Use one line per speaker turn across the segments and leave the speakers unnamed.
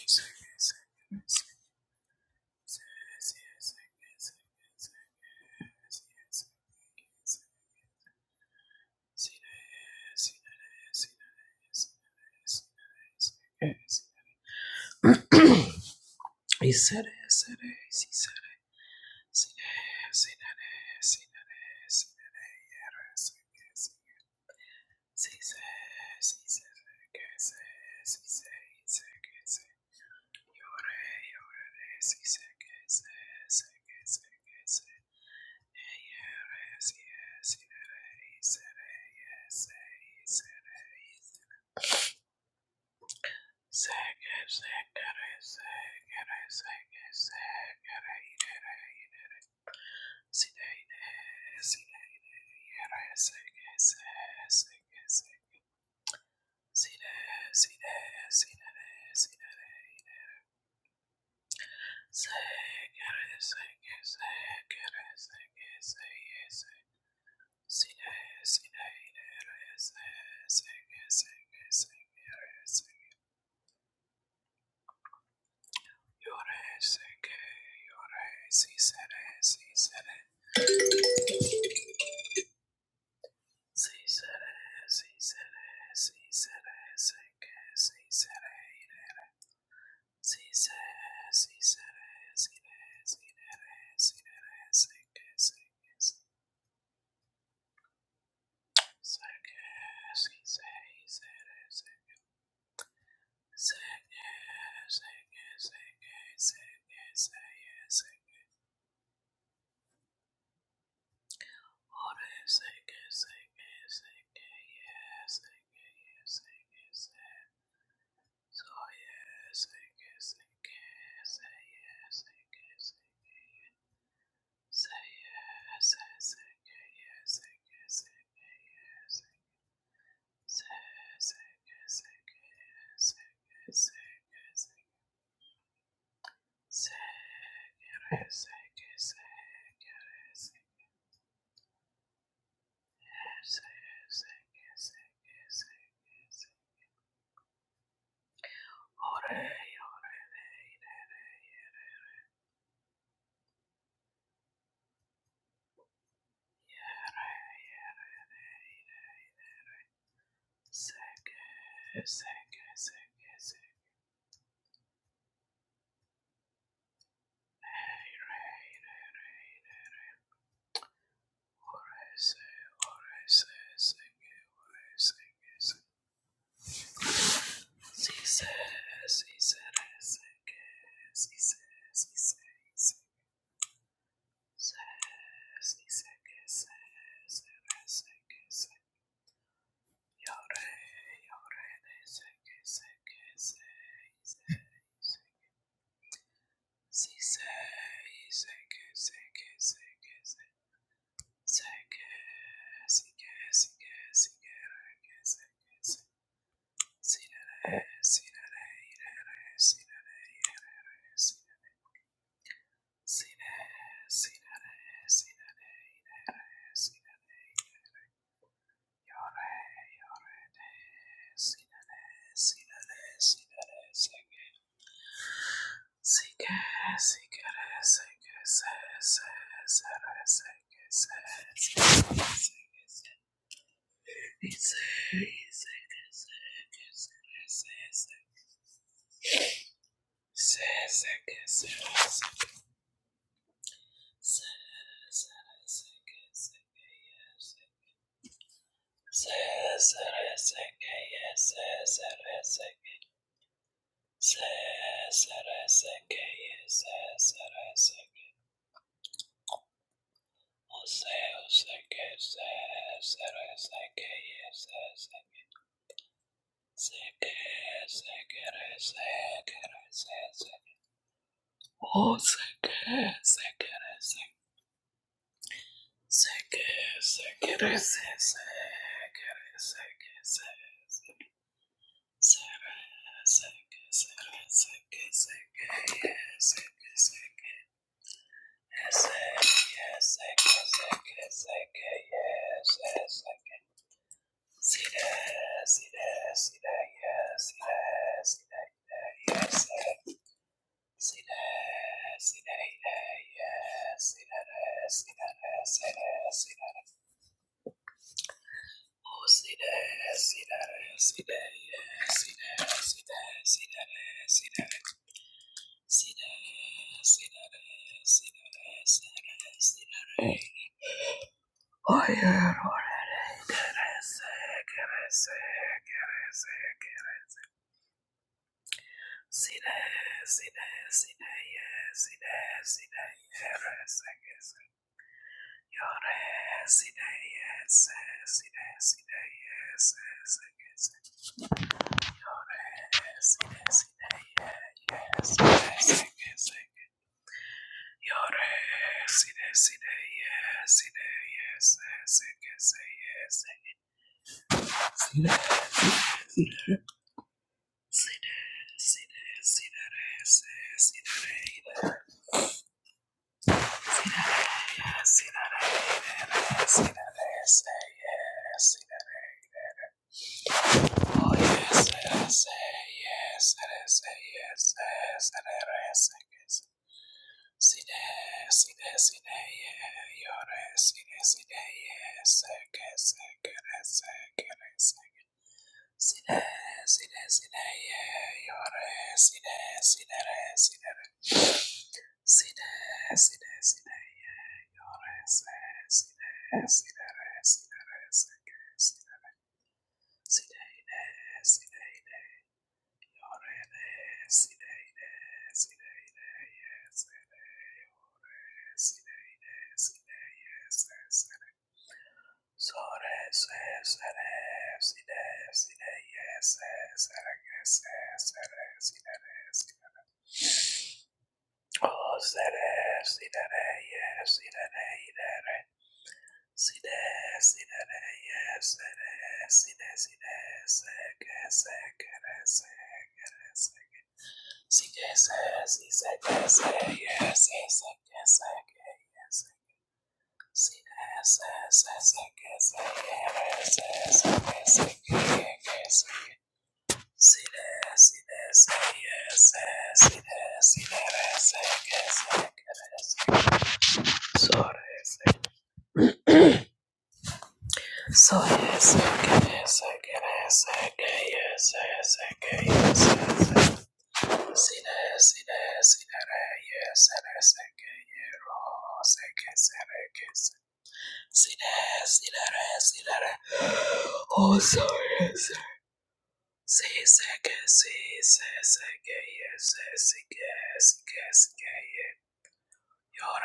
He said it, said it, he said it, said it, said it, said it, said it, said it. He said, he said, he said, he said, he said, he said. Pray over this, he said, he said, he said, he said, he said. Yes, yes, yes, yes, yes, yes. Seke, seke, seke, seke, seke. Sidene, sidene, yere, seke, se- seke, se. Side, side, sidene, sidene. Seke, seke, seke, seke, se, yes, se. Side, side, yere, se- seke, seke, seke, Yore seke, si sere, si sere, si sere, si sere, si sere, seke, si sere, si sere, si sere, si re, si re, si re, seke, seke, seke, si sere, sere, seke, seke, seke, seke, seke, seke, seke, ore seke, seke, seke, yes, seke, yes, seke, seke. Say, She says, she says, she says, she says, she says, she says, Sine, sine, sine, sine, Yes, Sick, Yes, yes, yes, yes, yes, yes. See that, see that, see that, yes, see that, see that, yes. See that, see that, yes, see that, see that, see that, see that. Oh, see that, see that, see that, yes, see that, see that, see that, see that. See that, see that, see that, see that, see that. Kerese, kerese, kerese, sine, sine, sine, ye, sine, sine, ye, rese, kese, yore, sine, ye, se, sine, sine, ye, se, se, kese, sine, sine, ye, ye, se, se, kese, yore, sine, sine, ye, sine, ye, se, se, kese, ye, se, sine, sine, sine, sine, re, se, sine, re, See that ass, see that ass, say yes, see that oh yes, yes, yes, yes, yes, yes, yes, yes. See that, see that, see that, yeah, your ass, see that, see that, yes, yes, yes, yes. See that, see that, see that, yeah, your ass, see that, see that, see that. See that, see that, see that. yeah. Oh, sere, sire, yes, sire, ire, Si de, si de de, yes, si de, si de, si de, se que se que de, se de, se Si que se, si se que se, yes, si se que se que, yes. Si de, se, se, se que se, yes, se, se que se que, que se. Si de, si de, se, yes, se, si de, si de, de, se que se que de, se. Sobre, se. So yes, okay, yes, okay, yes, okay, yes, yes, okay, yes, yes, yes. See that, see that, see that, uh, yes, that, yes, okay, oh, say, yes, that, uh, yes. See that, see that, uh, see that, uh, oh, sorry, yes. See, yes, okay, see, yes, yes, okay, yes, yes, yes, yes, okay, yeah. You're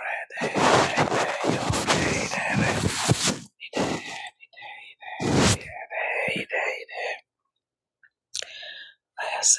right, you're right, hey, hey, hey, you're right, hey, hey, hey, hey, hey, hey, Yes,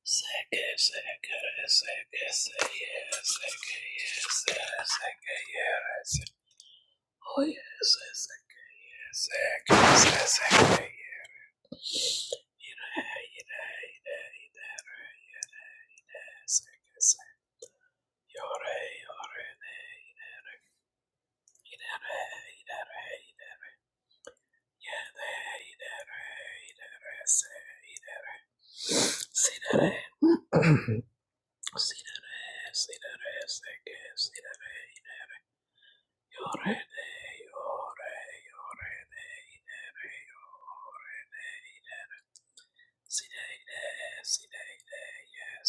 Yes, Sidere, sidere, yere,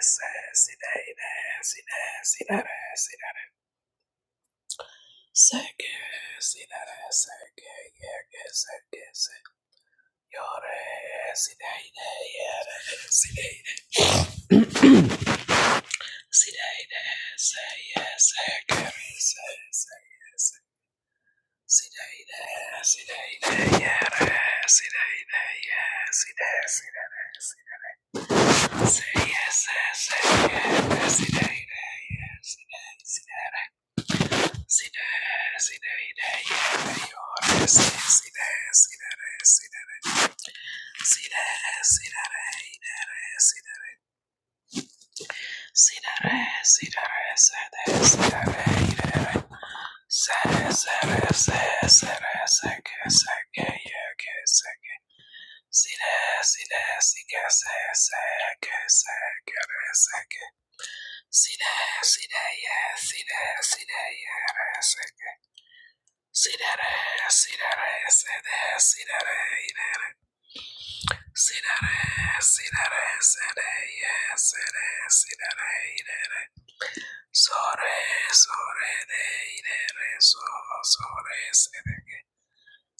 se, sidere, sidere, sidere, Seke, sinere, seke, yeke, seke, se. Yore, sineide, yere, sineide, sineide, seye, seke, se, seye, se. Sineide, sineide, yere, sineide, ye, sine, sinere, sine, seye, se, seke, sineide, ye, sine, sine, sine, sineide, yere, yore, si, sine, sinere, sine, Sine, sine. Sidere, sidere, sede, sidere, idere. Sede, sede, se, sede, seke, seke, yeke, seke. Side, side, sike, se, seke, sekere, seke. Side, side, ye, side, side, yere, seke. Sidere, sidere, sede, sidere, idere. Sidere, sidere, sede, ye, sede, sidere, idere. Sore, sore, de, de, re, so, sore, se, de.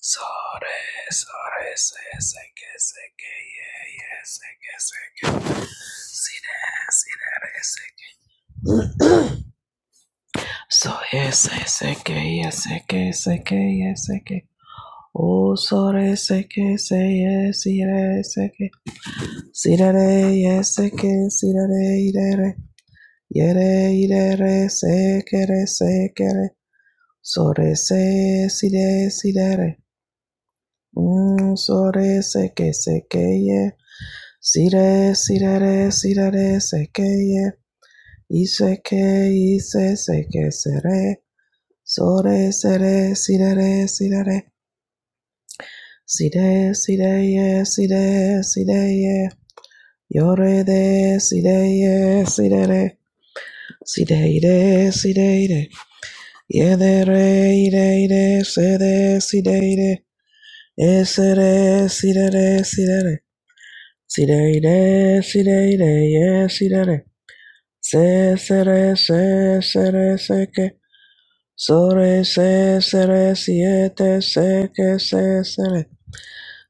Sore, sore, se, se, que, se, que, ye, ye, se, que, se, que. Si, de, si, de, re, se, que. So, ye, se, se, que, ye, se, que, se, que, ye, se, que. O, sore, se, que, se, ye, si, re, se, que. Si, de, re, ye, se, que, si, de, re, i, de, re. Ye, re, i, de, re, se, que, re, se, que, re. Sore se si re si re re. Mm, sore se que se que ye. Si re si re re si re re se que ye. Y se que y se se que se re. Sore se re si re re si re re. Si re si re ye si re si re ye. Yo re de si re ye si re re. Si re ire si re ire. Ye de re ire ire se de si re ire. Esere, sirere, sirere. Sireire, yes, ye, sirere. Se, sere, se, se sere, seke. Sore, se, sere, siete, se que se, sere.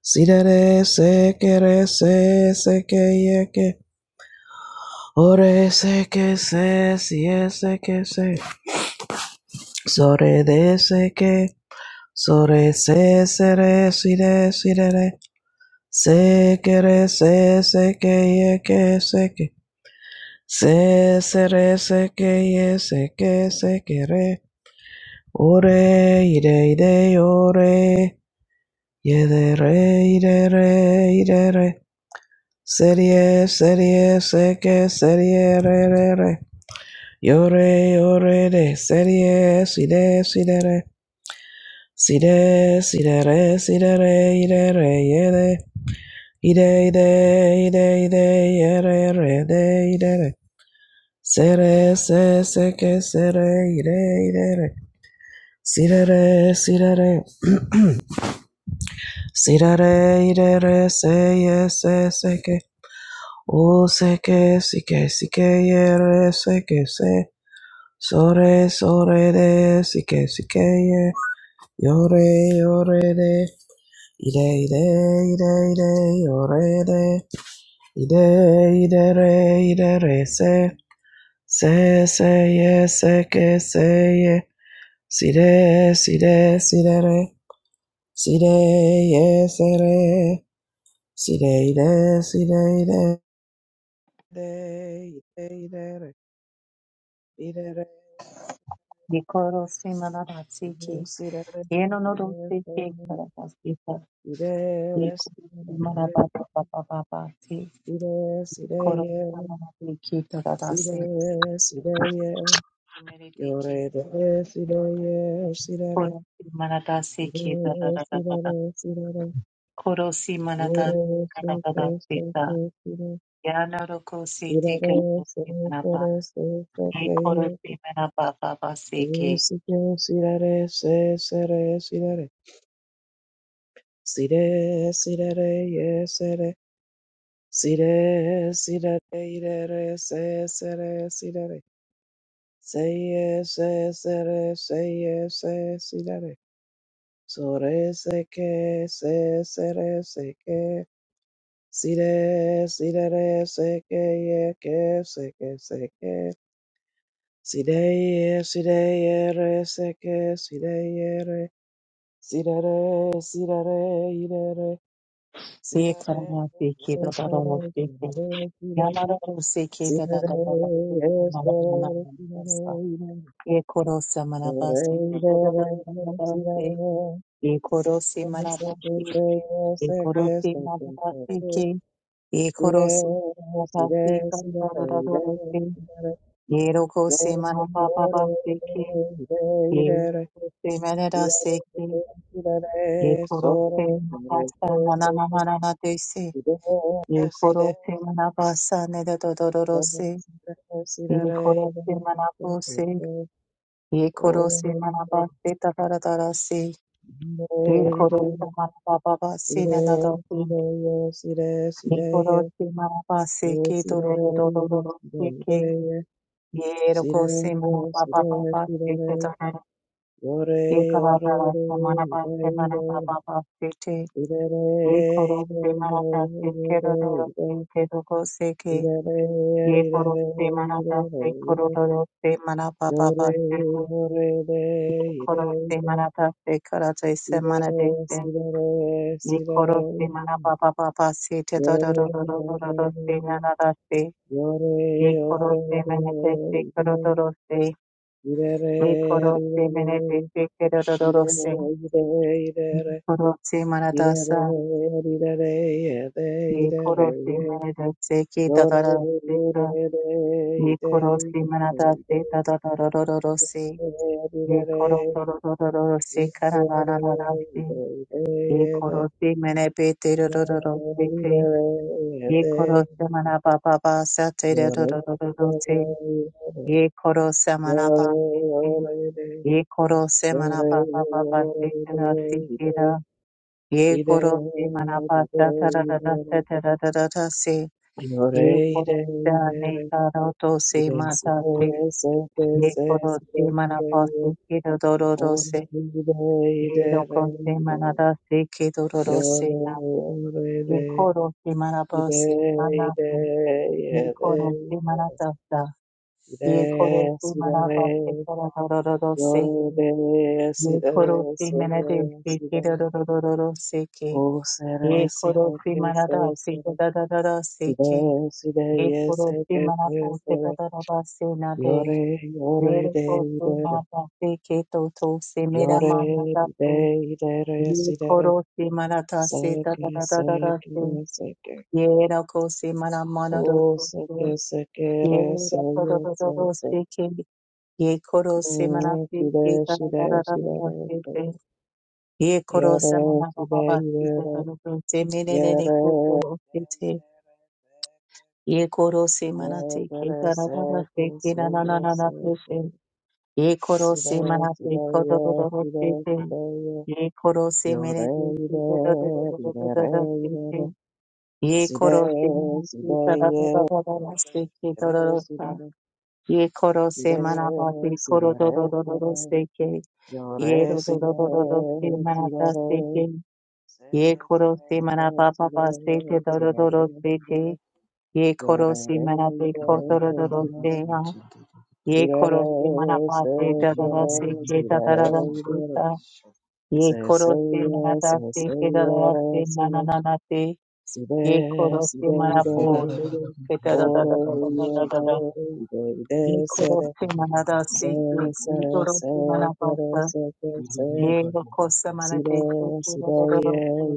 Sirere, sekere, se, que re se se seke, yeke. Ore, seke, se, que se sie, seke, se. Sore, de, seke. Sore, se, se re si sere, sire, sirere. Se que re se se que ye que se que se se re se ye se que se que re ore ire ire ore ye de re ire re ire re serie serie se que serie re re re yore yore de serie si de si de re si de si re si re ire re ye Ide, ide, ide, ide, yere, yere de, ide, re. Sere, se, se, ke, sere, ide, ide, re. Sire, re, sire, ide, re, se, ye, se, se, ke. O, se, ke, si, ke, si, ke, yere, se, ke, se. Sore, sore, de, si, ke, si, ke, ye. Yore, yore, de. Ide, ide, ide, ide, yore, de. Ide, ide, re, ide, re, se. Se se ye se ke se ye si de si de si de re si de ye se re si de i de si de i de de i de i de re i de re
Nikoro
i de
Simanabatsiki,
si de re i de
Yenonoro Siki, Karabasita,
se
Nikoro
re
Simanabababababati,
i de si de
Koro
ye
Samanabiki,
i de
Tadadasi,
si de ye si de si de ye yo
Meridiki,
re de si de ye si de re
Koro
i de
Simanadasiki,
si de
Tadadadadada,
re si de re
Koro Simanada,
Ora se ke se
Tadadadasita,
ke kira,
Yanoroko
sira
Siti,
re
Koro
se ke
Simanaba,
re se se ke
Nikoro
ye, ora
Simanabababasiki,
se ke sira re se se re sira re, sire sira re ye se re, sire sira re ire re se se re sira re, se ye se se re se ye se sira re, so re se ke se se re se ke, sire sira re se ke ye ke se ke se ke. Sidere, sidere, seke, sidere, sidere, sidere, idere, sidere,
Yekarabasiki,
esere,
Tadadadasiki,
sidere, sidere,
Yamarose keda da
sidere,
da da da da mama mama
esere,
mama
sidere,
basta.
idere,
Ye korose
dere,
manabasi da da da
idere,
da da da
idere,
da se.
sidere,
Ye korose
seme, seke,
manabasi.
seye,
Ye
seke,
korose
seke,
manabasi
seke,
ke. Ye
sidere,
korose manabasi
sidere,
kar
sidere,
da da da da da
idere,
se.
sidere,
Ye rokose
yore, yore,
manabababasi ke.
idere,
Ye
idere,
rokose
Ore,
manadasi ke. Ye korose manabasa manama manana desi. Ye korose manabasa ne da da da da da se. One crore se manapa se, one crore se manapa se, tarara tarara se, one crore se manapa pa pa se na na na, one crore se manapa se ki tolele tole tole ki ki, ye roko se manapa pa pa pa se che to na, ye kab aar aar se manapa se manapa pa pa se che, one crore se manapa se ki tolele tole tole ki ki,
Yore,
ye roko se manapa pa pa pa se che Koroste manataste karate se manadeste. Ye koroste manababa baba se te dodorororororoste nanadaste. Ye koroste meneteste karodoroste. Ye koroste meneteste se. korodoro se. Ye koroste manadasa. Ye koroste se ki da da da se. dadaraste. Ye koroste manadaste dadororororoste.
Yore,
Ye
yore,
korororororoste se. karanana se. ye koro se mene pe te ro ro ro ro se te ye
yore,
koro se mana pa pa pa sa te ro ro ro ro ro ro se ye koro se mana pa se te ye koro se mana pa pa pa pa se te ra si te ra ye koro se mana pa sa ta ra ra ra sa ta ra ra ra ra se ye koro se ne
yore,
ta ro to se ma ta se ye koro se mana pa se ke ro ro ro ro se ye ro ko se mana da se ke ro ro ro se Ye koro te
Ida,
marabose
Ida,
manate. Ye
yada,
koro te maratata.
Ida,
Ye koro te
si da, si
marabase kororororo
da,
seke.
yore,
Ye
si da,
koro te
si
menade
da, si
seke
da, si da,
rororororo seke.
o si da,
Ye
si
koro
da,
te marada seke dadadada
si da, si da, si da,
seke.
si da,
Ye
y si
koro te
ke, si
marapo te
ke, sere sere
dadadada se nade.
yore,
Ye
yore, da,
koro te
yda,
marada seke toto se mera
yore,
manata se.
da, yda,
Ye
si da, si da,
koro te marata se
si ke,
dadadada se.
si ke,
Yera kose mana mana do
o si
kose.
ke, si ke, si
Yera koro
yo,
do do do
si.
se ke. Ye koro se mana
Mm,
se ke
Sudere,
ta ra ra
Sudere,
ra ra ra ra
Sudere,
se ke. Ye koro se mana
Yere,
ba ba ba
Sudere,
se ke ta
Yere,
do do se me ne ne ne ko
Yere,
to ro se te. Ye koro se mana se ke ta
Sepere,
ra ra ra se
Sepe,
ke na na na
Seye,
na na se
Sepe,
se. Ye koro se
Sudere,
mana se ko do do do
Sudere,
do se te.
Sudere,
Ye koro se me ne ne se do do do do do do do do se te. ye
Sudere,
koro se manabati sarababa se ke dororosa ye koro se manabati koro dorororo se ke ye
Yore, sire,
dorororo se manata se
sire,
ke ye
Sire,
koro se
sire, sire,
manababa se ke
sire,
dorororo se ke ye koro se manabe ko dorororo se ya ye koro se manabati dorororo se ke dorororo se ka ye koro se manata se ke dorororo se
sire,
mananana te. Ye koro se marapo, te ke ta da da da da da da da da da. Ye koro se manada se ke,
sire,
ye koro se manapasa. Ye koro se manate se ke da da da da se.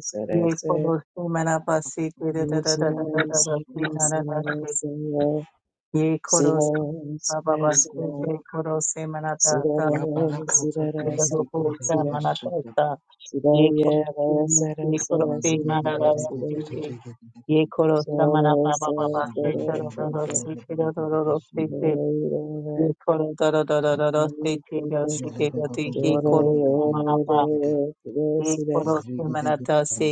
sire,
Ye
sire,
koro se manapasi ke da da
Oh,
da
see
da da
that
da
is,
da da
see
se
that is,
na da
see
da
that
se.
is,
Ye
see
koro se
that is,
ba
see that
ba ba
is,
se te koro se
see
manata
that
ta.
is,
Ye
see
koro
that is,
se
see that is,
koro se
see that is,
manata ta.
see that is, see
Ye
that is, yeah,
koro
that
se
is, that
ye
is,
koro
that is,
se
see that
manada
is, see that
se Ye koro
is, so
samana
that
ba
is,
ba
that
ba ba she
is,
koro do
that
do si koro do do do
is, that is, see
si si.
that is,
Ye koro do do do do do
that
do si
is,
ti
that is,
do
that is,
si Ye
yore,
koro
yore,
samana ba.
there, see that is,
Ye
see that is, see that is, see that is, see that is, see that is,
koro samana do si.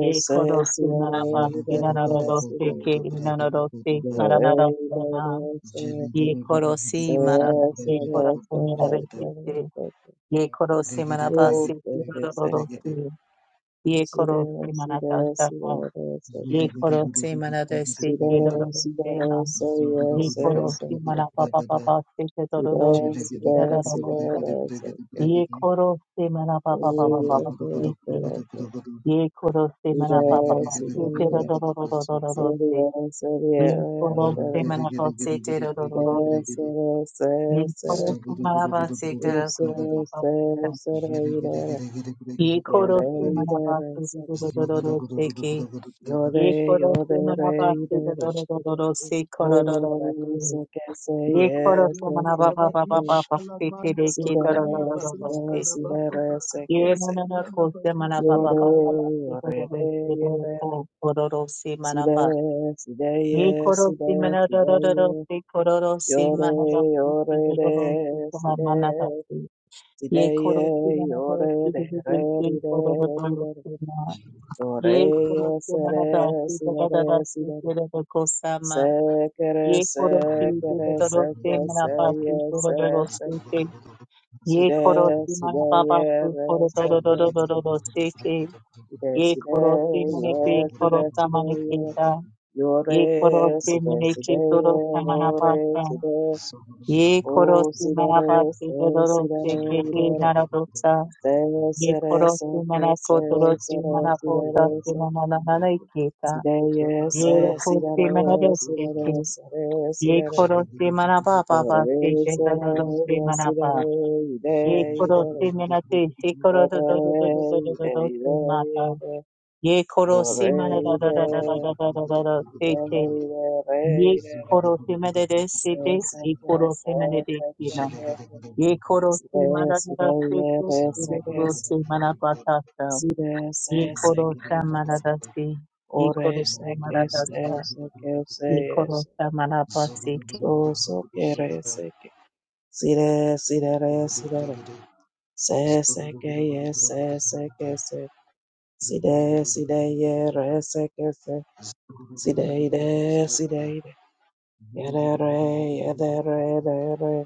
Ye koro samana ba. Si na na do do si
that
ki
is,
na na do si para
yore,
na do si
yore,
na.
there,
Ye koro si mara do
Yes, yes,
si koro
yes,
samana do
yes,
si si.
yes.
Ye koro samana ba
Oh,
si
yes,
koro do
yes,
do
yes.
si. Ye
See
koro
that, see
samana do
that, see
si.
that, yes,
Ni
yes.
koro se mana de se
See
ke ro ro
that,
ro
see
se
that,
ma.
yes, yes,
Ni koro
yes,
se mana pa
yes.
pa pa pa se ke do
See
ro ro
that,
se
see
ke da da
that,
da
see
da da.
that, yes, yes.
Ye koro se mana pa pa pa
Oh,
pa pa pa
yes, yes,
se ke.
yes, yes.
Ye koro se
See
mana pa pa
that,
pa
see
se
that,
ke ro
yes.
ro ro ro ro ro ro
See
ro se.
that, see that,
Ye
yes, yes. Yes, yes,
koro
yes,
se
yes.
mana pa se ke ro ro ro ro.
Oh,
Ye koro se mana pa se ke ro
yes,
ro ro ro se ke.
yes, yes, yes.
Ye
Yeah,
koro se mana
there,
pa
there,
se ke ro ro ro ro ro se ke. Ye
Yore,
koro se
yore,
mana pa
re,
se ke ro
idere.
ro ro ro ro se ko
O
ro ro ro ro
yore,
se.
se, que, se,
ये खोरो
yes,
से
que,
मना
se, que,
बाबा बाबा
se.
बाबा पीछे
Si,
देखी तरह तरह
de, si,
तरह
de, si,
पीछे
de, re, se, que,
ये
se.
मना ना खोल से मना बाबा
Yore,
बाबा बाबा
yore,
खोरो
de,
से
yere.
देखो खोरो से
Si,
मना
de,
बा
si, de,
ये
yes,
खोरो
si,
से
de,
मना
si, de,
तरह तरह
yes.
से खोरो से मना
Yore,
राती की
yore,
तरह से
de, si,
तुम्हार
de.
मना राती
Si, de,
ये
ye,
खोरो से मना खोरो
yore,
से
de,
देखो
re,
देखो
di, de,
खोरो
di,
खोरो
de, re.
से मना
Yore,
ये खोरो
yes,
से मना
re,
राती
si, de,
तरह तरह
re, si,
से
de,
तेरे को
Sekere,
Ye korosi te
sekere,
te doroste
seke,
manapasi
seye,
toro
se,
doroste
seke.
te. Ye
Side,
korosi
side,
manapapasu
yere,
toro doro
seke,
doro
se.
doro doroste te.
Side,
Ye
side,
korosi maneke
ye, side,
korosa
side,
maneke
ye.
ta. Ye
Yore,
korosi
side, side,
maneke toro
ye, gore,
samanapasa.
side.
Ye
O,
korosi
side, re,
manapasi toro
se, side,
doroste
re,
ke te
ide, re.
naradosa.
Se,
Ye
se, re,
korosi
seke, se,
manako
se,
doroste
re, side, re,
manapota se
seke.
manananai ke ta.
Side, ye,
Ye
se, side,
korosi
re, side,
manadoste
re, se, re,
Ye
side, re.
koro se manaba baba se
Orare
ke do do do se
sere sire
manaba.
ide
Ye
ide ide
koro se manate se koro do
ide
do do do do do do do
ide
do se mata.
ide
Ye koro
yore
se manada da
ide
da da da da da da da da da
ide
se te.
ide re
Ye
ide re
koro se manade
se
se te.
se
Ye
ke
koro se
se
manade
ke
se
ke
na.
ye ke
Ye koro se
sire
manada da da
sire
se
ye
te.
re
Ye
se
do do
ke
do
se
se
ke
manaba ta sa.
sire se
Ye
se
koro
ke
se
ye se
manada se. Ye
Ore,
koro se
se ke
manada
se
sa.
se ke se
Ye
ye
koro
se
se manaba se te.
so so ke re se ke sire sire re sire Se se que ye se se que se si de si de ye re se que se si de i de si de i de ye de re ye de re de re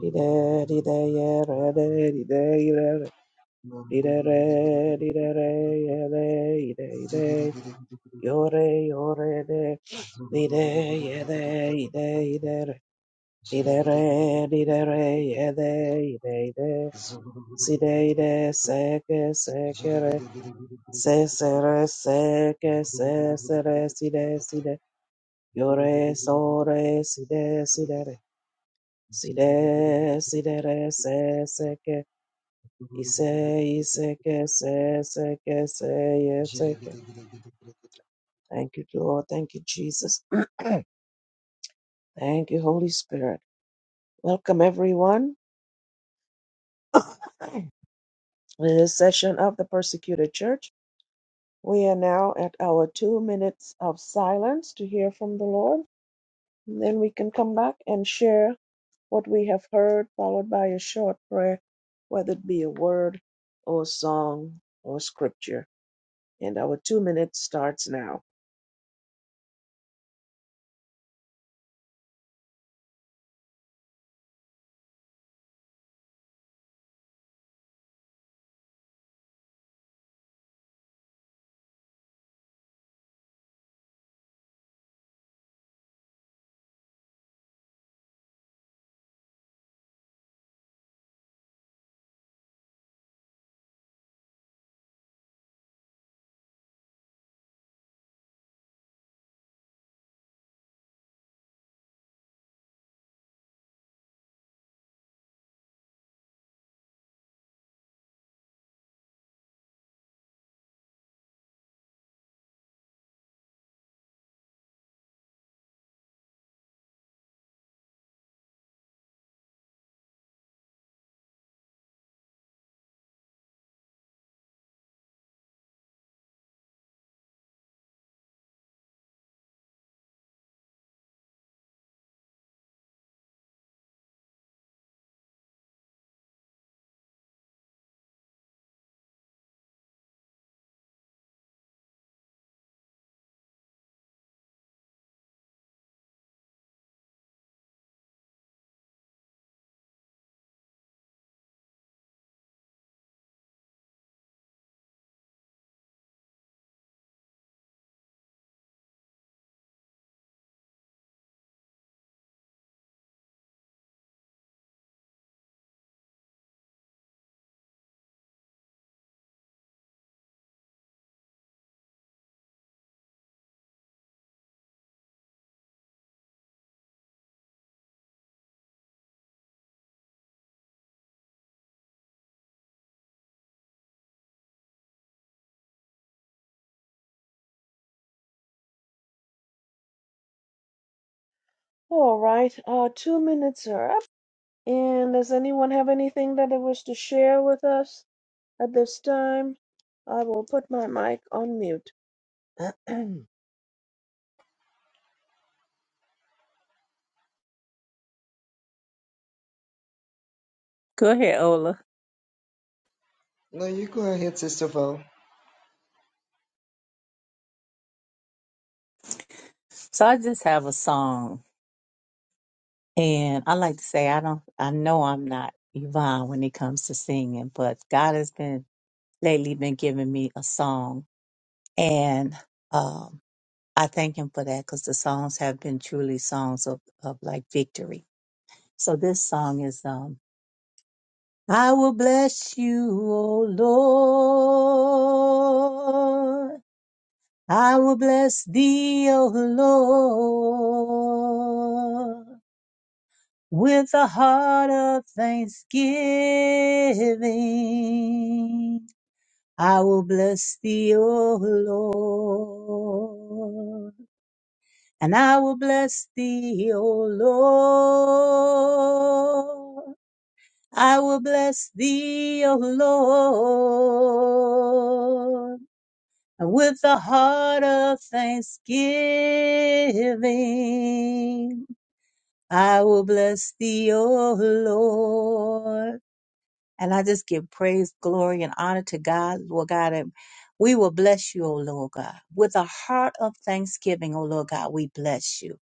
di de di de ye re de di de i de re di de re di de re ye de i de i de yo re yo re de di de ye de i de i de re di de re di de re ye de i de i de si de i de se que se que Se se re se que se se re si de si de yo re so re si de si de re si de si de re se se que y se y se que se se que se y se que Thank you Lord, thank you Jesus, thank you Holy Spirit. Welcome everyone to this session of the Persecuted Church. We are now at our two minutes of silence to hear from the Lord. Then we can come back and share what we have heard, followed by a short prayer, whether it be a word or a song or scripture. And our two minutes starts now. All right, our two minutes are up. And does anyone have anything that they wish to share with us at this time? I will put my mic on mute.
Go ahead, Ola. So I just have a song, and I like to say I don't. I know I'm not Yvonne when it comes to singing, but God has been lately been giving me a song, and um, I thank Him for that because the songs have been truly songs of of like victory. So this song is um, I will bless you, O Lord. I will bless thee, O Lord. with a heart of thanksgiving. I will bless thee, O Lord, and I will bless thee, O Lord. I will bless thee, O Lord, and with a heart of thanksgiving. I will bless thee, O Lord. And I just give praise, glory, and honor to God, Lord God. And we will bless you, O Lord God. With a heart of thanksgiving, O Lord God, we bless you.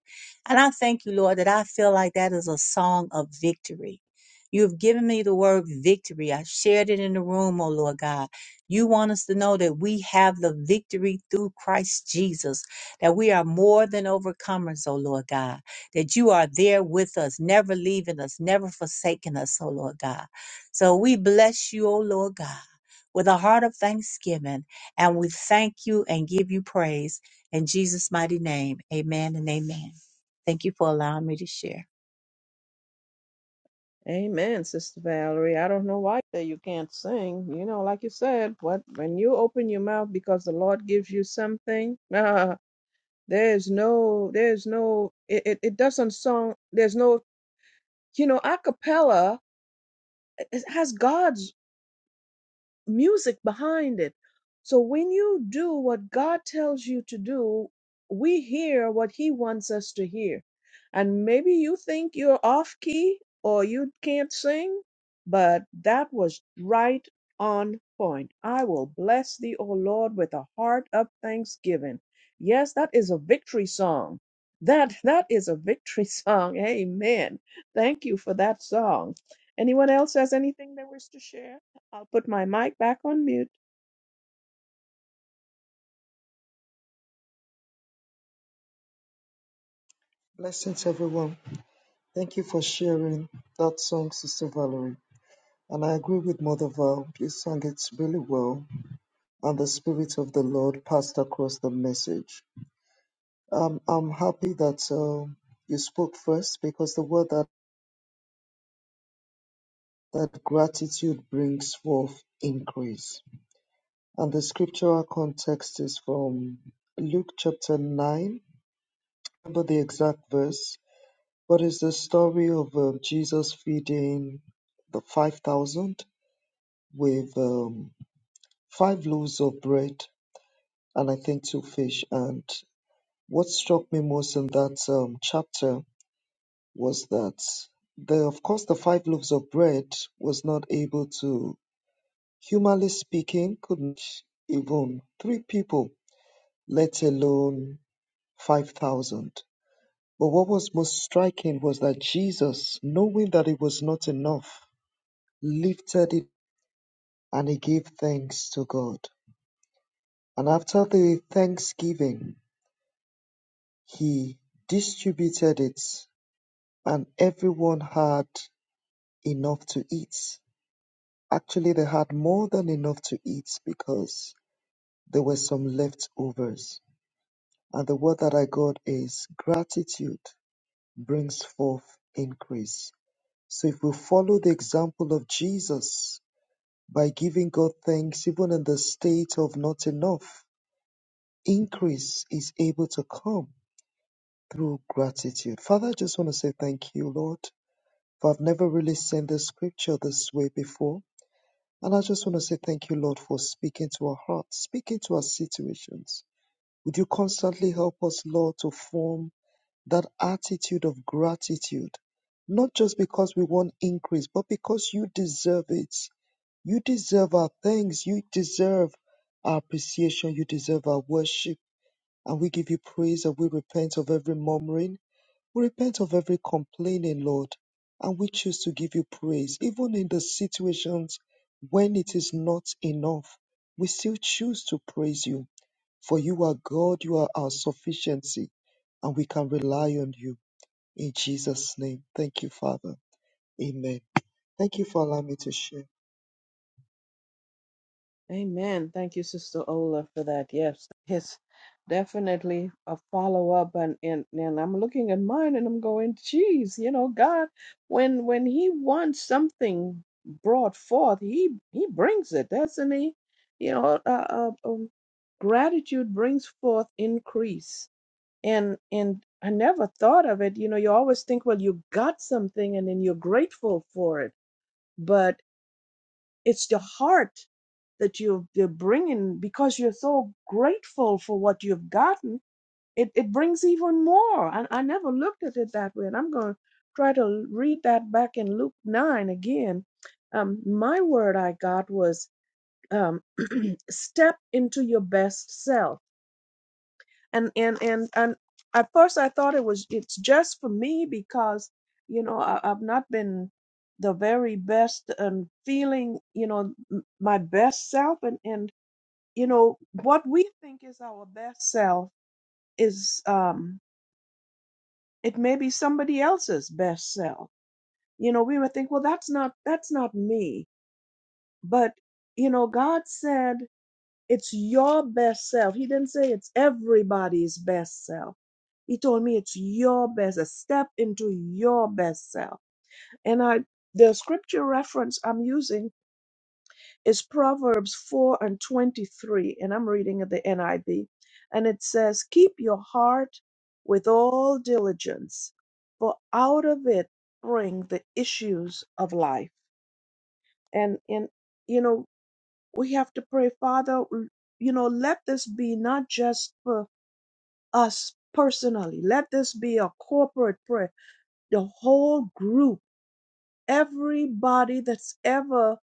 And I thank you, Lord, that I feel like that is a song of victory. You have given me the word victory. I shared it in the room, O Lord God. You want us to know that we have the victory through Christ Jesus, that we are more than overcomers, O Lord God, that you are there with us, never leaving us, never forsaking us, O Lord God. So we bless you, O Lord God, with a heart of thanksgiving, and we thank you and give you praise in Jesus' mighty name. Amen and amen. Thank you for allowing me to share.
Amen, Sister Valerie. I don't know why that you can't sing. You know, like you said, what when you open your mouth because the Lord gives you something, There's no, there's no, it, it, it doesn't sound, there's no, you know, a cappella it- has God's music behind it. So when you do what God tells you to do, we hear what He wants us to hear. And maybe you think you're off key or you can't sing, but that was right on point. I will bless thee, O Lord, with a heart of thanksgiving. Yes, that is a victory song. That that is a victory song. Amen. Thank you for that song. Anyone else has anything they wish to share? I'll put my mic back on mute.
increase is able to come through gratitude. Father, I just want to say thank you, Lord, for I've never really seen this scripture this way before. And I just want to say thank you, Lord, for speaking to our hearts, speaking to our situations. Would you constantly help us, Lord, to form that attitude of gratitude, not just because we want increase, but because you deserve it. You deserve our thanks. You deserve our appreciation. You deserve our worship. And we give you praise and we repent of every murmuring. We repent of every complaining, Lord. And we choose to give you praise, even in the situations when it is not enough. We still choose to praise you, for you are God, you are our sufficiency, and we can rely on you. In Jesus' name. Thank you, Father. Amen. Thank you for allowing me to share.
Amen. Thank you, Sister Ola, for that. Yes, yes, definitely a follow up, and, and and I'm looking at mine, and I'm going, geez, you know, God, when when He wants something brought forth, He He brings it, doesn't He? You know, uh, uh, um, gratitude brings forth increase, and and I never thought of it. You know, you always think, well, you got something, and then you're grateful for it, but. It's the heart that you're, you're bringing because you're so grateful for what you've gotten. It, it brings even more. And I never looked at it that way. And I'm going to try to read that back in Luke 9 again. Um, my word I got was um, step into your best self and and and and at first I thought it was it's just for me because you know I, I've not been the very best and feeling you know m- my best self and and you know what we think is our best self is um it may be somebody else's best self you know we would think well that's not that's not me but you know God said It's your best self. He didn't say it's everybody's best self. He told me it's your best. Step into your best self. And I, the scripture reference I'm using is Proverbs 4 and 23, and I'm reading at the NIV. And it says, Keep your heart with all diligence, for out of it spring the issues of life. And, in you know, we have to pray, Father, l- you know, let this be not just for us personally, let this be a corporate prayer, the whole group, everybody that's ever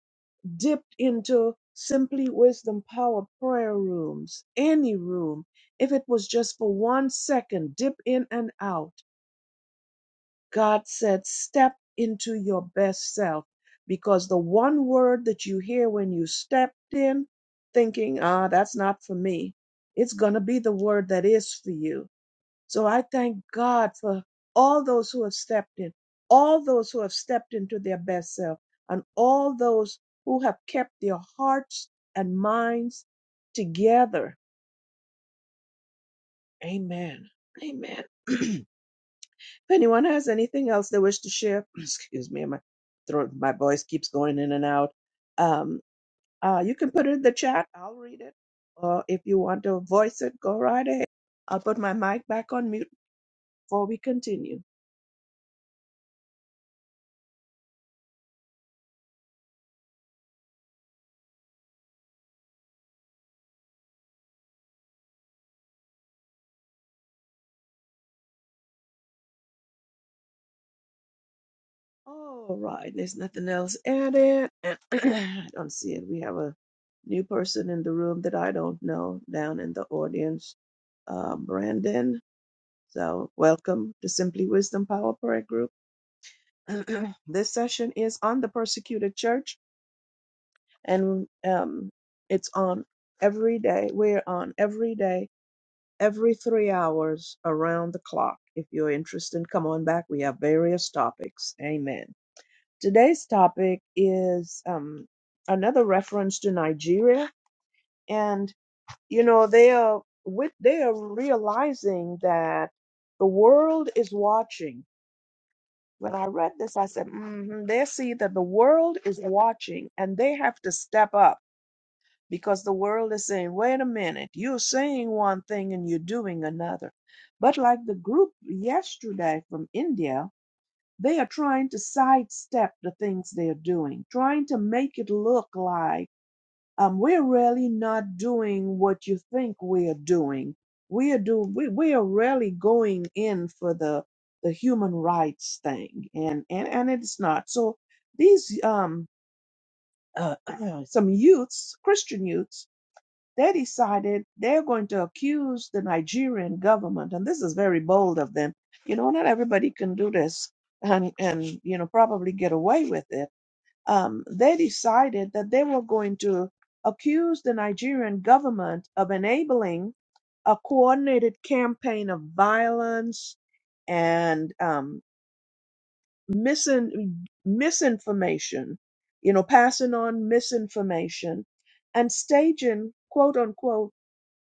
dipped into simply wisdom power prayer rooms, any room, if it was just for one second, dip in and out. God said, step into your best self because the one word that you hear when you stepped in, thinking, ah, that's not for me, it's going to be the word that is for you. So I thank God for all those who have stepped in, all those who have stepped into their best self, and all those who have kept their hearts and minds together. Amen. Amen. If anyone has anything else they wish to share, excuse me, my throat, my voice keeps going in and out. Um, uh, you can put it in the chat. I'll read it. Or if you want to voice it, go right ahead. I'll put my mic back on mute before we continue. All right, there's nothing else added. I don't see it. We have a new person in the room that I don't know down in the audience, uh, Brandon. So, welcome to Simply Wisdom Power Prayer Group. this session is on the persecuted church and um, it's on every day we're on every day every three hours around the clock if you're interested come on back we have various topics amen today's topic is um, another reference to nigeria and you know they are with they are realizing that the world is watching When I read this, I said, hmm they see that the world is watching and they have to step up because the world is saying, wait a minute, you're saying one thing and you're doing another. But like the group yesterday from India, they are trying to sidestep the things they are doing, trying to make it look like um, we're really not doing what you think we are doing. We are do we, we are really going in for the the human rights thing, and and and it's not. So these um uh, some youths, Christian youths, they decided they're going to accuse the Nigerian government, and this is very bold of them. You know, not everybody can do this, and and you know probably get away with it um, they decided that they were going to accuse the Nigerian government of enabling a coordinated campaign of violence and um, misin- misinformation, you know, passing on misinformation and staging quote unquote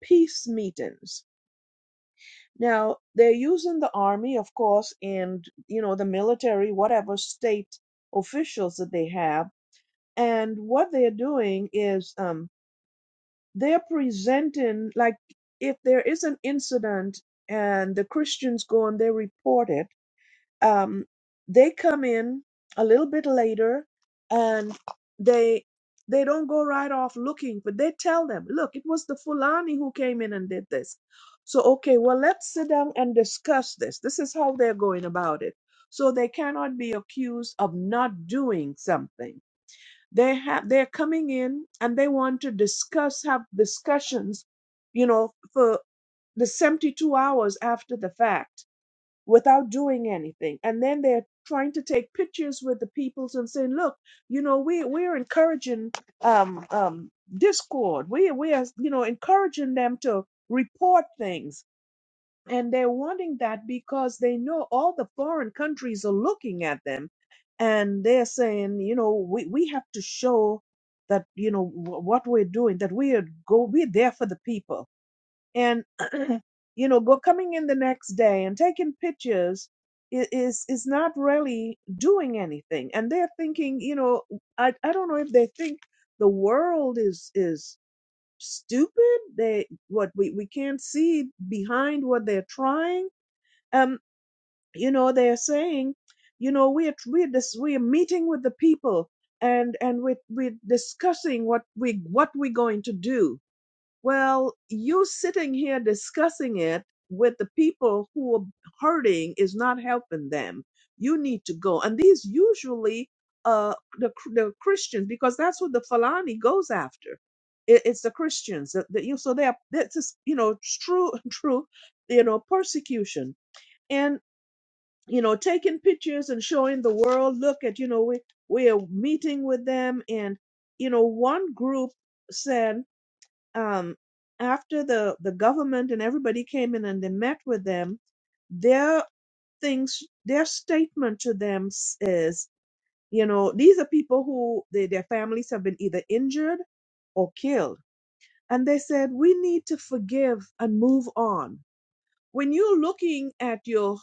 peace meetings. Now, they're using the army, of course, and, you know, the military, whatever state officials that they have and what they're doing is um, they're presenting like if there is an incident and the christians go and they report it um, they come in a little bit later and they they don't go right off looking but they tell them look it was the fulani who came in and did this so okay well let's sit down and discuss this this is how they're going about it so they cannot be accused of not doing something they have they're coming in and they want to discuss have discussions you know for the 72 hours after the fact without doing anything and then they're trying to take pictures with the peoples and saying look you know we we're encouraging um um discord we we are you know encouraging them to report things and they're wanting that because they know all the foreign countries are looking at them and they're saying, you know, we, we have to show that, you know, wh- what we're doing, that we are go, we're there for the people. And, you know, go coming in the next day and taking pictures i- is, is not really doing anything. And they're thinking, you know, I, I don't know if they think the world is, is stupid. They, what we, we can't see behind what they're trying um, you know, they're saying, you know, we're we're this we're meeting with the people and and we're we're discussing what we what we're going to do. Well, you sitting here discussing it with the people who are hurting is not helping them. You need to go, and these usually uh the the Christians because that's what the Falani goes after. It, it's the Christians that that you so they are that's just, you know true true you know persecution you know, taking pictures and showing the world, look at, you know, we, we are meeting with them. And, you know, one group said, um, after the, the government and everybody came in and they met with them, their things, their statement to them s- is, you know, these are people who they, their families have been either injured or killed. And they said, we need to forgive and move on when you're looking at your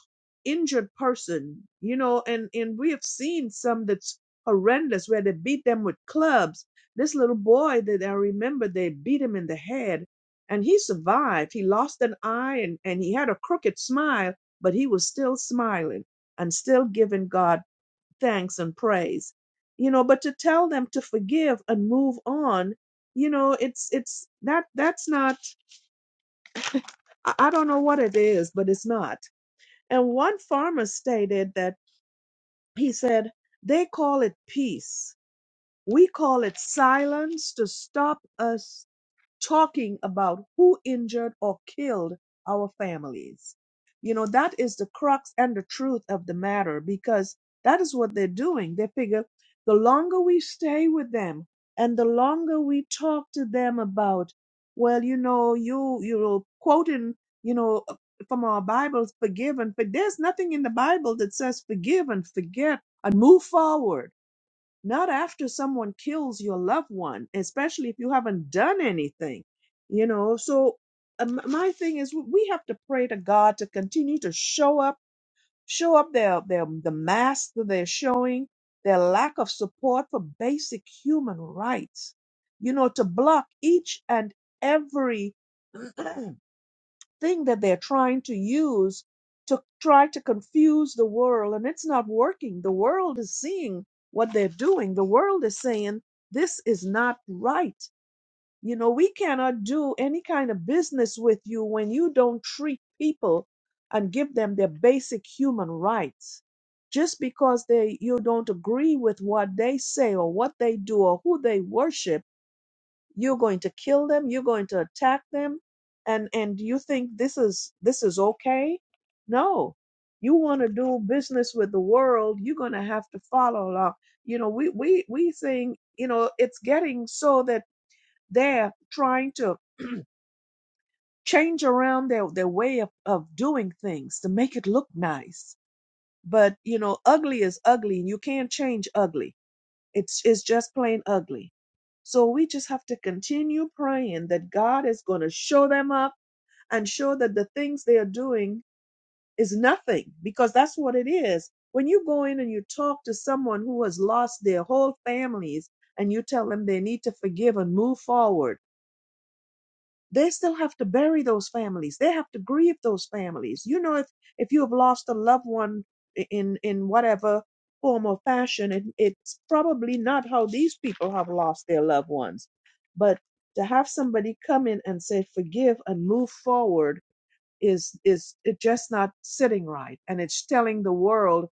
injured person, you know, and and we have seen some that's horrendous where they beat them with clubs. This little boy that I remember, they beat him in the head, and he survived. He lost an eye, and and he had a crooked smile, but he was still smiling and still giving God thanks and praise. You know, but to tell them to forgive and move on, you know, it's it's that that's not. I I don't know what it is, but it's not. And one farmer stated that he said, they call it peace. We call it silence to stop us talking about who injured or killed our families. You know, that is the crux and the truth of the matter because that is what they're doing. They figure the longer we stay with them and the longer we talk to them about, well, you know, you, you're quoting, you know, from our Bibles, forgive and but there's nothing in the Bible that says forgive and forget and move forward not after someone kills your loved one, especially if you haven't done anything, you know. So, um, my thing is, we have to pray to God to continue to show up, show up their, their the mask that they're showing, their lack of support for basic human rights, you know, to block each and every thing that they're trying to use to try to confuse the world, and it's not working. The world is seeing what they're doing, the world is saying, This is not right. You know, we cannot do any kind of business with you when you don't treat people and give them their basic human rights. Just because they you don't agree with what they say or what they do or who they worship you're going to kill them you're going to attack them and and you think this is this is okay no you want to do business with the world you're going to have to follow along you know we we we think you know it's getting so that they're trying to change around their their way of, of doing things to make it look nice but you know ugly is ugly and you can't change ugly it's, it's just plain ugly. So we just have to continue praying that God is going to show them up and show that the things they are doing is nothing because that's what it is. When you go in and you talk to someone who has lost their whole families and you tell them they need to forgive and move forward they still have to bury those families they have to grieve those families you know if if you have lost a loved one in in whatever form or fashion it, it's probably not how these people have lost their loved ones but to have somebody come in and say forgive and move forward is is it just not sitting right and it's telling the world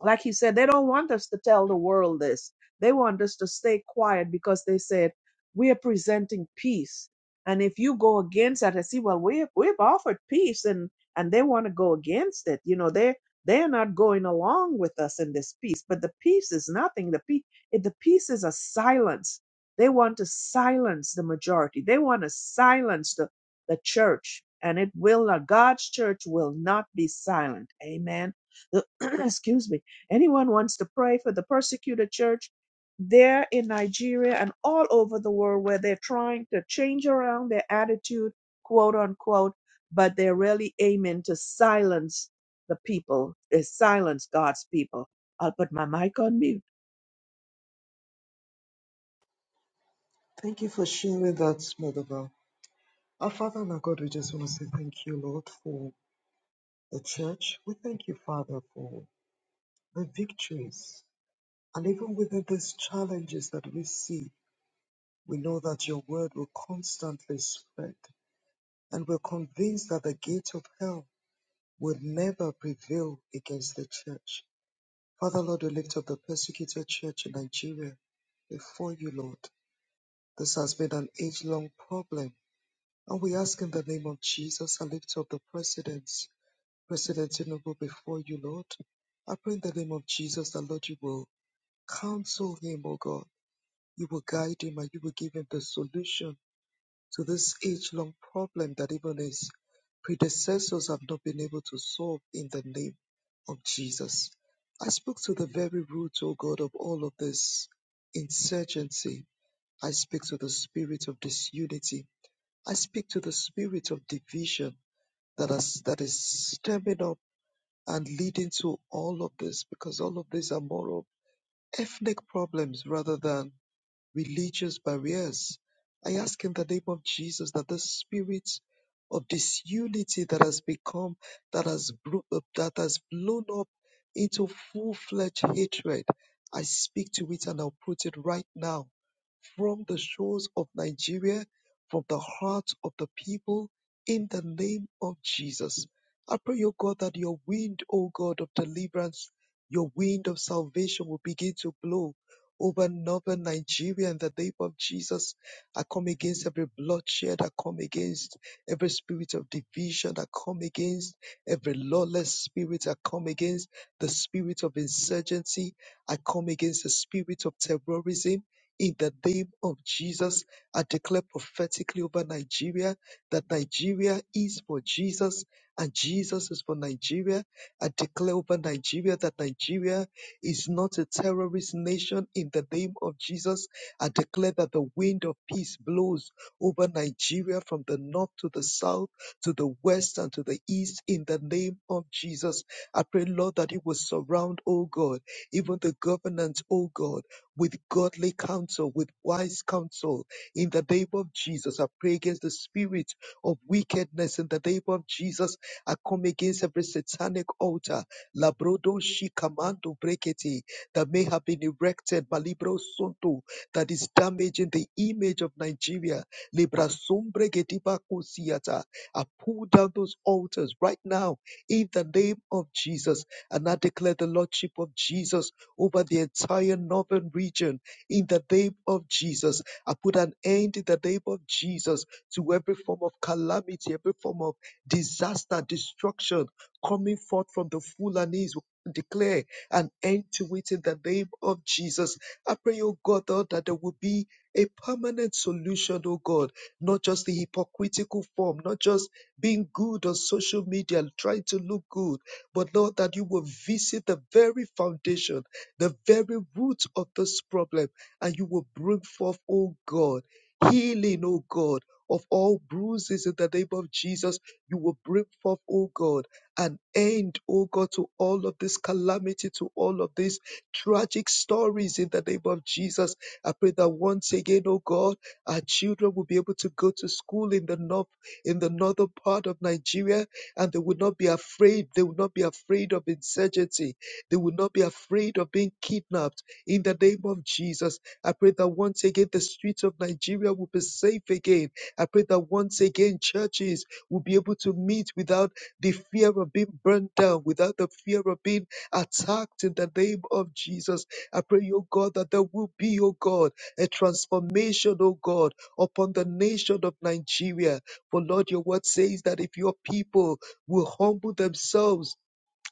like he said, they don't want us to tell the world this. They want us to stay quiet because they said, we are presenting peace. And if you go against that, I see, well, we have, we've offered peace and, and they want to go against it. You know, they they're not going along with us in this peace, but the peace is nothing. The peace, the peace is a silence. They want to silence the majority. They want to silence the, the church and it will not, God's church will not be silent. Amen. The, excuse me Anyone wants to pray for the persecuted church there in Nigeria and all over the world where they're trying to change around their attitude, quote unquote, but they're really aiming to silence the people, they silence God's people. I'll put my mic on mute.
Thank you for sharing that, Mother Val. Our Father and our God, we just want to say thank you, Lord, for the church. We thank you, Father, for the victories. And even within these challenges that we see, we know that your word will constantly spread. And we're convinced that the gate of hell will never prevail against the church. Father, Lord, we lift up the persecuted church in Nigeria before you, Lord. This has been an age long problem. And we ask in the name of Jesus, I lift up the presidents, President Tinubu before you, Lord. I pray in the name of Jesus that, Lord, you will counsel him, O God You will guide him and you will give him the solution to this age long problem that even his predecessors have not been able to solve in the name of Jesus. I speak to the very root, O God, of all of this insurgency. I speak to the spirit of disunity. I speak to the spirit of division that is, that is stemming up and leading to all of this because all of these are more of ethnic problems rather than religious barriers. I ask in the name of Jesus that the spirit of disunity that has become, that has, bro- uh, that has blown up into full fledged hatred, I speak to it and I'll put it right now from the shores of Nigeria, from the hearts of the people, in the name of Jesus. I pray, O God, that your wind, O God, of deliverance, your wind of salvation will begin to blow over northern Nigeria in the name of Jesus. I come against every bloodshed, I come against every spirit of division, I come against every lawless spirit, I come against the spirit of insurgency, I come against the spirit of terrorism. In the name of Jesus, I declare prophetically over Nigeria that Nigeria is for Jesus and Jesus is for Nigeria. I declare over Nigeria that Nigeria is not a terrorist nation in the name of Jesus. I declare that the wind of peace blows over Nigeria from the north to the south, to the west and to the east in the name of Jesus. I pray, Lord, that it will surround, oh God, even the government, oh God with godly counsel, with wise counsel. In the name of Jesus, I pray against the spirit of wickedness. In the name of Jesus, I come against every satanic altar, labrodo shikamando breketi, that may have been erected, malibro sonto, that is damaging the image of Nigeria. Libra sombregetiba kusiata. I pull down those altars right now in the name of Jesus. And I declare the Lordship of Jesus over the entire northern region in the name of Jesus. I put an end in the name of Jesus to every form of calamity, every form of disaster, destruction coming forth from the Fulanese. Declare an end to it in the name of Jesus. I pray, oh God, Lord, that there will be a permanent solution, oh God, not just the hypocritical form, not just being good on social media, trying to look good, but Lord, that you will visit the very foundation the very root of this problem, and you will bring forth, oh God, healing, oh God, of all bruises in the name of Jesus. You will bring forth, oh God, an end, oh God, to all of this calamity, to all of these tragic stories in the name of Jesus. I pray that once again, oh God, our children will be able to go to school in the north, in the northern part of Nigeria, and they will not be afraid. They will not be afraid of insurgency they will not be afraid of being kidnapped in the name of Jesus. I pray that once again the streets of Nigeria will be safe again. I pray that once again churches will be able to meet without the fear of being burned down, without the fear of being attacked in the name of Jesus. I pray, O God, that there will be, O God, a transformation, O God, upon the nation of Nigeria. For Lord, your word says that if your people will humble themselves,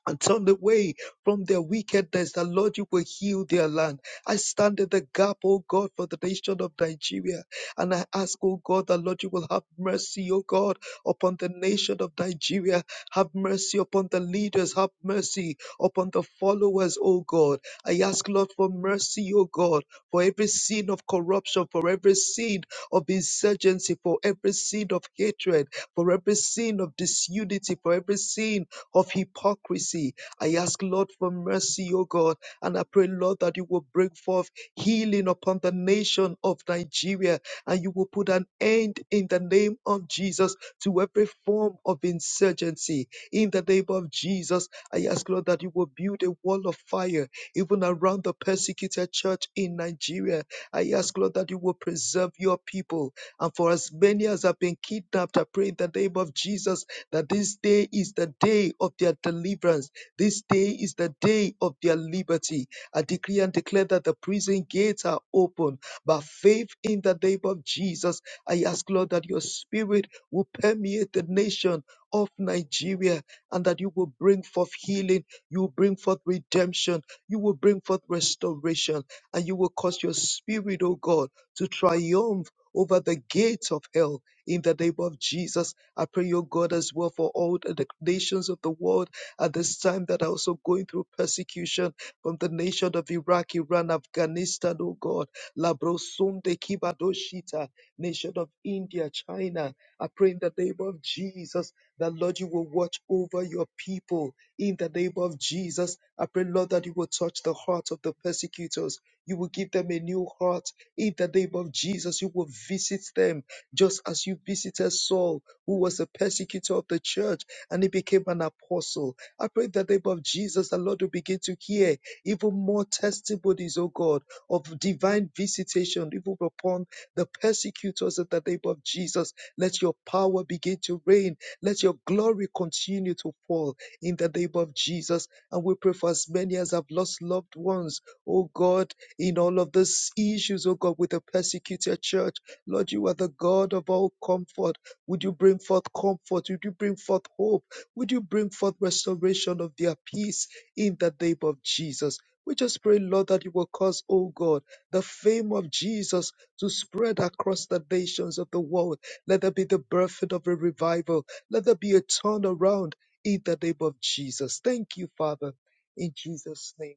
and turn away from their wickedness, that Lord, you will heal their land. I stand in the gap, O God, for the nation of Nigeria. And I ask, O God, that Lord, you will have mercy, O God, upon the nation of Nigeria. Have mercy upon the leaders. Have mercy upon the followers, O God. I ask, Lord, for mercy, O God, for every sin of corruption, for every sin of insurgency, for every sin of hatred, for every sin of disunity, for every sin of hypocrisy. I ask, Lord, for mercy, O God, and I pray, Lord, that you will bring forth healing upon the nation of Nigeria and you will put an end in the name of Jesus to every form of insurgency. In the name of Jesus, I ask, Lord, that you will build a wall of fire even around the persecuted church in Nigeria. I ask, Lord, that you will preserve your people. And for as many as have been kidnapped, I pray in the name of Jesus that this day is the day of their deliverance. This day is the day of their liberty. I decree and declare that the prison gates are open by faith in the name of Jesus. I ask, Lord, that your spirit will permeate the nation of Nigeria and that you will bring forth healing, you will bring forth redemption, you will bring forth restoration, and you will cause your spirit, O God, to triumph over the gates of hell in the name of Jesus. I pray, O God, as well for all the nations of the world at this time that are also going through persecution from the nation of Iraq, Iran, Afghanistan, O God. Labrosunde Kibadoshita, nation of India, China. I pray in the name of Jesus that, Lord, you will watch over your people. In the name of Jesus, I pray, Lord, that you will touch the heart of the persecutors. You will give them a new heart. In the name of Jesus, you will visit them just as you visited Saul who was a persecutor of the church and he became an apostle. I pray in the name of Jesus, the Lord will begin to hear even more testimonies, oh God, of divine visitation, even upon the persecutors in the name of Jesus. Let your power begin to reign. Let your glory continue to fall in the name of Jesus. And we pray for as many as have lost loved ones, oh God, in all of these issues, oh God, with the persecuted church. Lord, you are the God of all comfort. Would you bring forth comfort? Would you bring forth hope? Would you bring forth restoration of their peace in the name of Jesus? We just pray, Lord, that you will cause, oh God, the fame of Jesus to spread across the nations of the world. Let there be the birthing of a revival. Let there be a turnaround in the name of Jesus. Thank you, Father. In Jesus' name,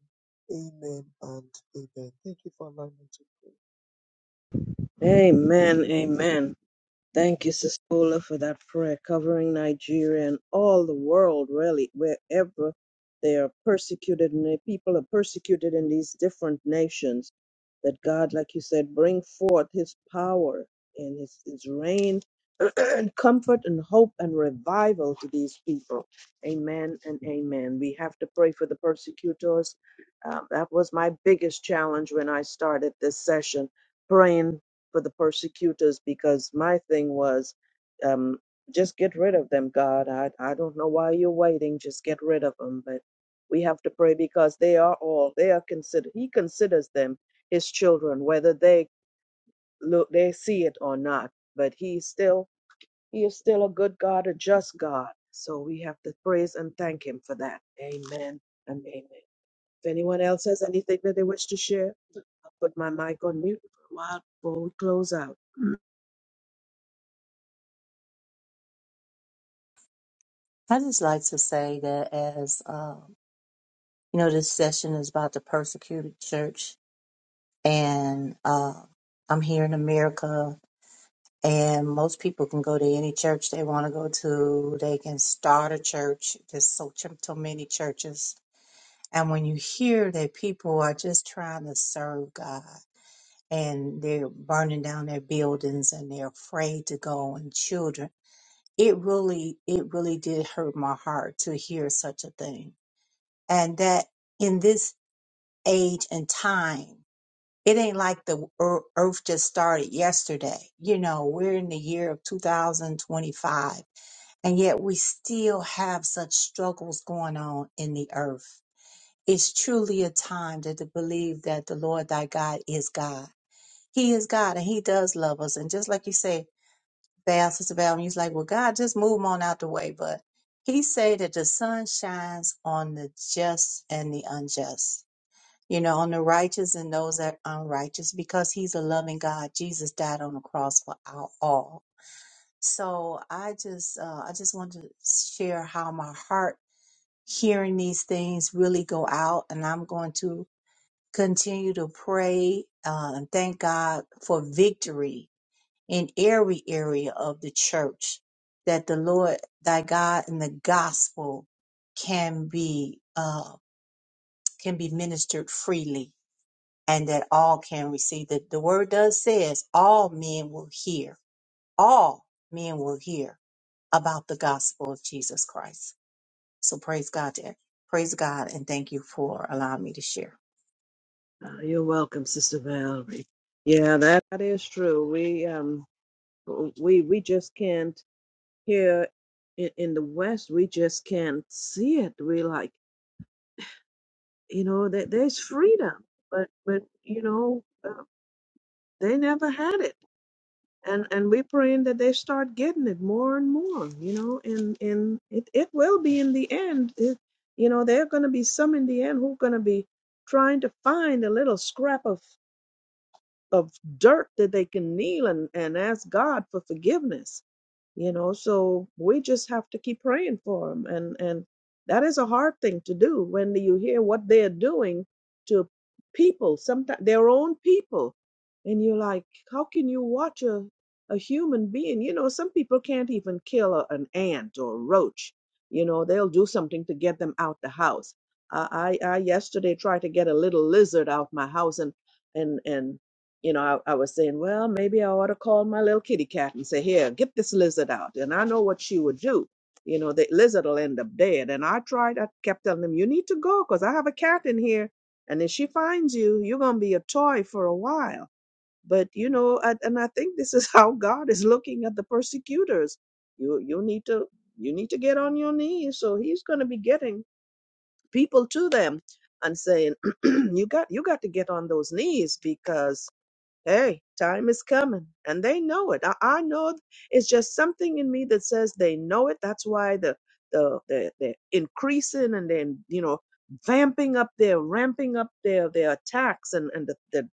amen and amen. Thank you for allowing me to pray.
Amen. Amen. Thank you, Sister Paula, for that prayer covering Nigeria and all the world, really, wherever they are persecuted and the people are persecuted in these different nations. That God, like you said, bring forth His power and His, his reign and comfort and hope and revival to these people. Amen and amen. We have to pray for the persecutors. Um, that was my biggest challenge when I started this session, praying for the persecutors because my thing was um just get rid of them god i i don't know why you're waiting just get rid of them but we have to pray because they are all they are considered he considers them his children whether they look they see it or not but he still he is still a good god a just god so we have to praise and thank him for that amen and amen if anyone else has anything that they wish to share i'll put my mic on mute for a while before we close out
I just like to say that as um, you know, this session is about the persecuted church, and uh, I'm here in America, and most people can go to any church they want to go to. They can start a church. There's so, so many churches And when you hear that people are just trying to serve God and they're burning down their buildings and they're afraid to go and children, it really, it really did hurt my heart to hear such a thing. And that in this age and time, it ain't like the ear- earth just started yesterday. You know, we're in the year of 2025 and yet we still have such struggles going on in the earth it's truly a time that to believe that the Lord thy God is God. He is God and he does love us. And just like you say, Val, Sister Val, and he's like, well, God, just move 'em on out the way. But he say that the sun shines on the just and the unjust, you know, on the righteous and those that are unrighteous because he's a loving God. Jesus died on the cross for our all. So I just, uh, I just want to share how my heart hearing these things really go out and I'm going to continue to pray uh, and thank God for victory in every area of the church, that the Lord thy God and the gospel can be uh, can be ministered freely, and that all can receive. that the word does says all men will hear. All men will hear about the gospel of Jesus Christ. So praise God. There. Praise God and thank you for allowing me to share.
Uh, You're welcome, Sister Valerie. Yeah, that, that is true. We um we we just can't here in, in the West. We just can't see it. We like you know that there's freedom, but but you know uh, they never had it, and and we're praying that they start getting it more and more. You know, and and it it will be in the end. It, you know, there are going to be some in the end who are going to be trying to find a little scrap of of dirt that they can kneel and, and ask God for forgiveness. You know, so we just have to keep praying for them. And, and that is a hard thing to do when you hear what they're doing to people, sometimes their own people. And you're like, how can you watch a, a human being? You know, some people can't even kill a, an ant or a roach. You know, they'll do something to get them out the house. I, I, I yesterday tried to get a little lizard out my house and, and, and you know, I, I was saying, well, maybe I ought to call my little kitty cat and say, here, get this lizard out. And I know what she would do. You know, the lizard will end up dead. And I tried, I kept telling them, you need to go because I have a cat in here. And if she finds you, you're going to be a toy for a while. But, you know, I, and I think this is how God is looking at the persecutors. You, you need to, you need to get on your knees. So he's going to be getting people to them and saying, you got, you got to get on those knees because Hey, time is coming, and they know it. I, I know it. it's just something in me that says they know it. That's why the the the they're increasing and then you know vamping up their ramping up their their attacks and and the, the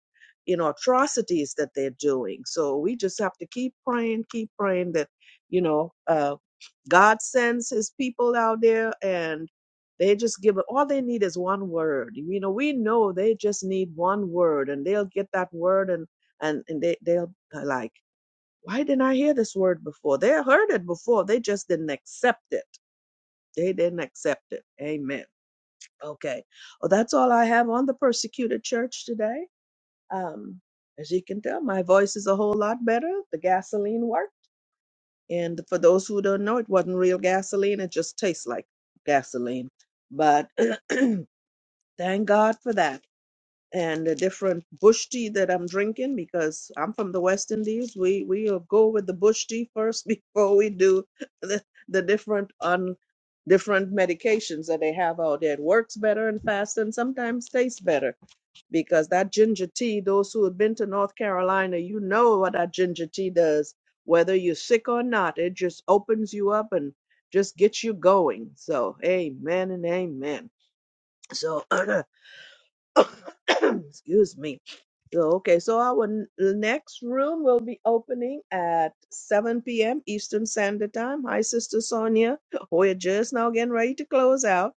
you know atrocities that they're doing. So we just have to keep praying, keep praying that you know uh, God sends His people out there and. They just give it. All they need is one word. You know, we know they just need one word, and they'll get that word, and and and they they're like why didn't i hear this word before they heard it before they just didn't accept it they didn't accept it amen okay well that's all i have on the persecuted church today um as you can tell my voice is a whole lot better the gasoline worked and for those who don't know it wasn't real gasoline it just tastes like gasoline but thank god for that and the different bush tea that I'm drinking because I'm from the West Indies. We we'll go with the bush tea first before we do the, the different on different medications that they have out there. It works better and faster and sometimes tastes better because that ginger tea, those who have been to North Carolina, you know what that ginger tea does. Whether you're sick or not, it just opens you up and just gets you going. So amen and amen. So Excuse me. So, okay, so our n- the next room will be opening at 7 p.m. Eastern Standard Time. Hi, Sister Sonia. We're just now getting ready to close out.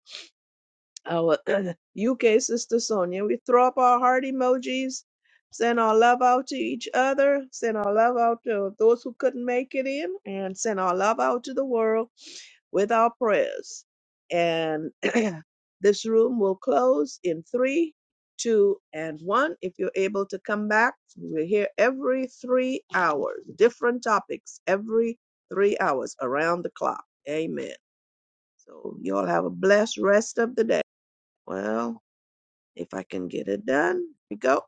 Our UK Sister Sonia. We throw up our heart emojis, send our love out to each other, send our love out to those who couldn't make it in, and send our love out to the world with our prayers. And this room will close in three, two, and one. If you're able to come back, we're here every three hours, different topics every three hours around the clock. Amen. So you all have a blessed rest of the day. Well, if I can get it done, here we go.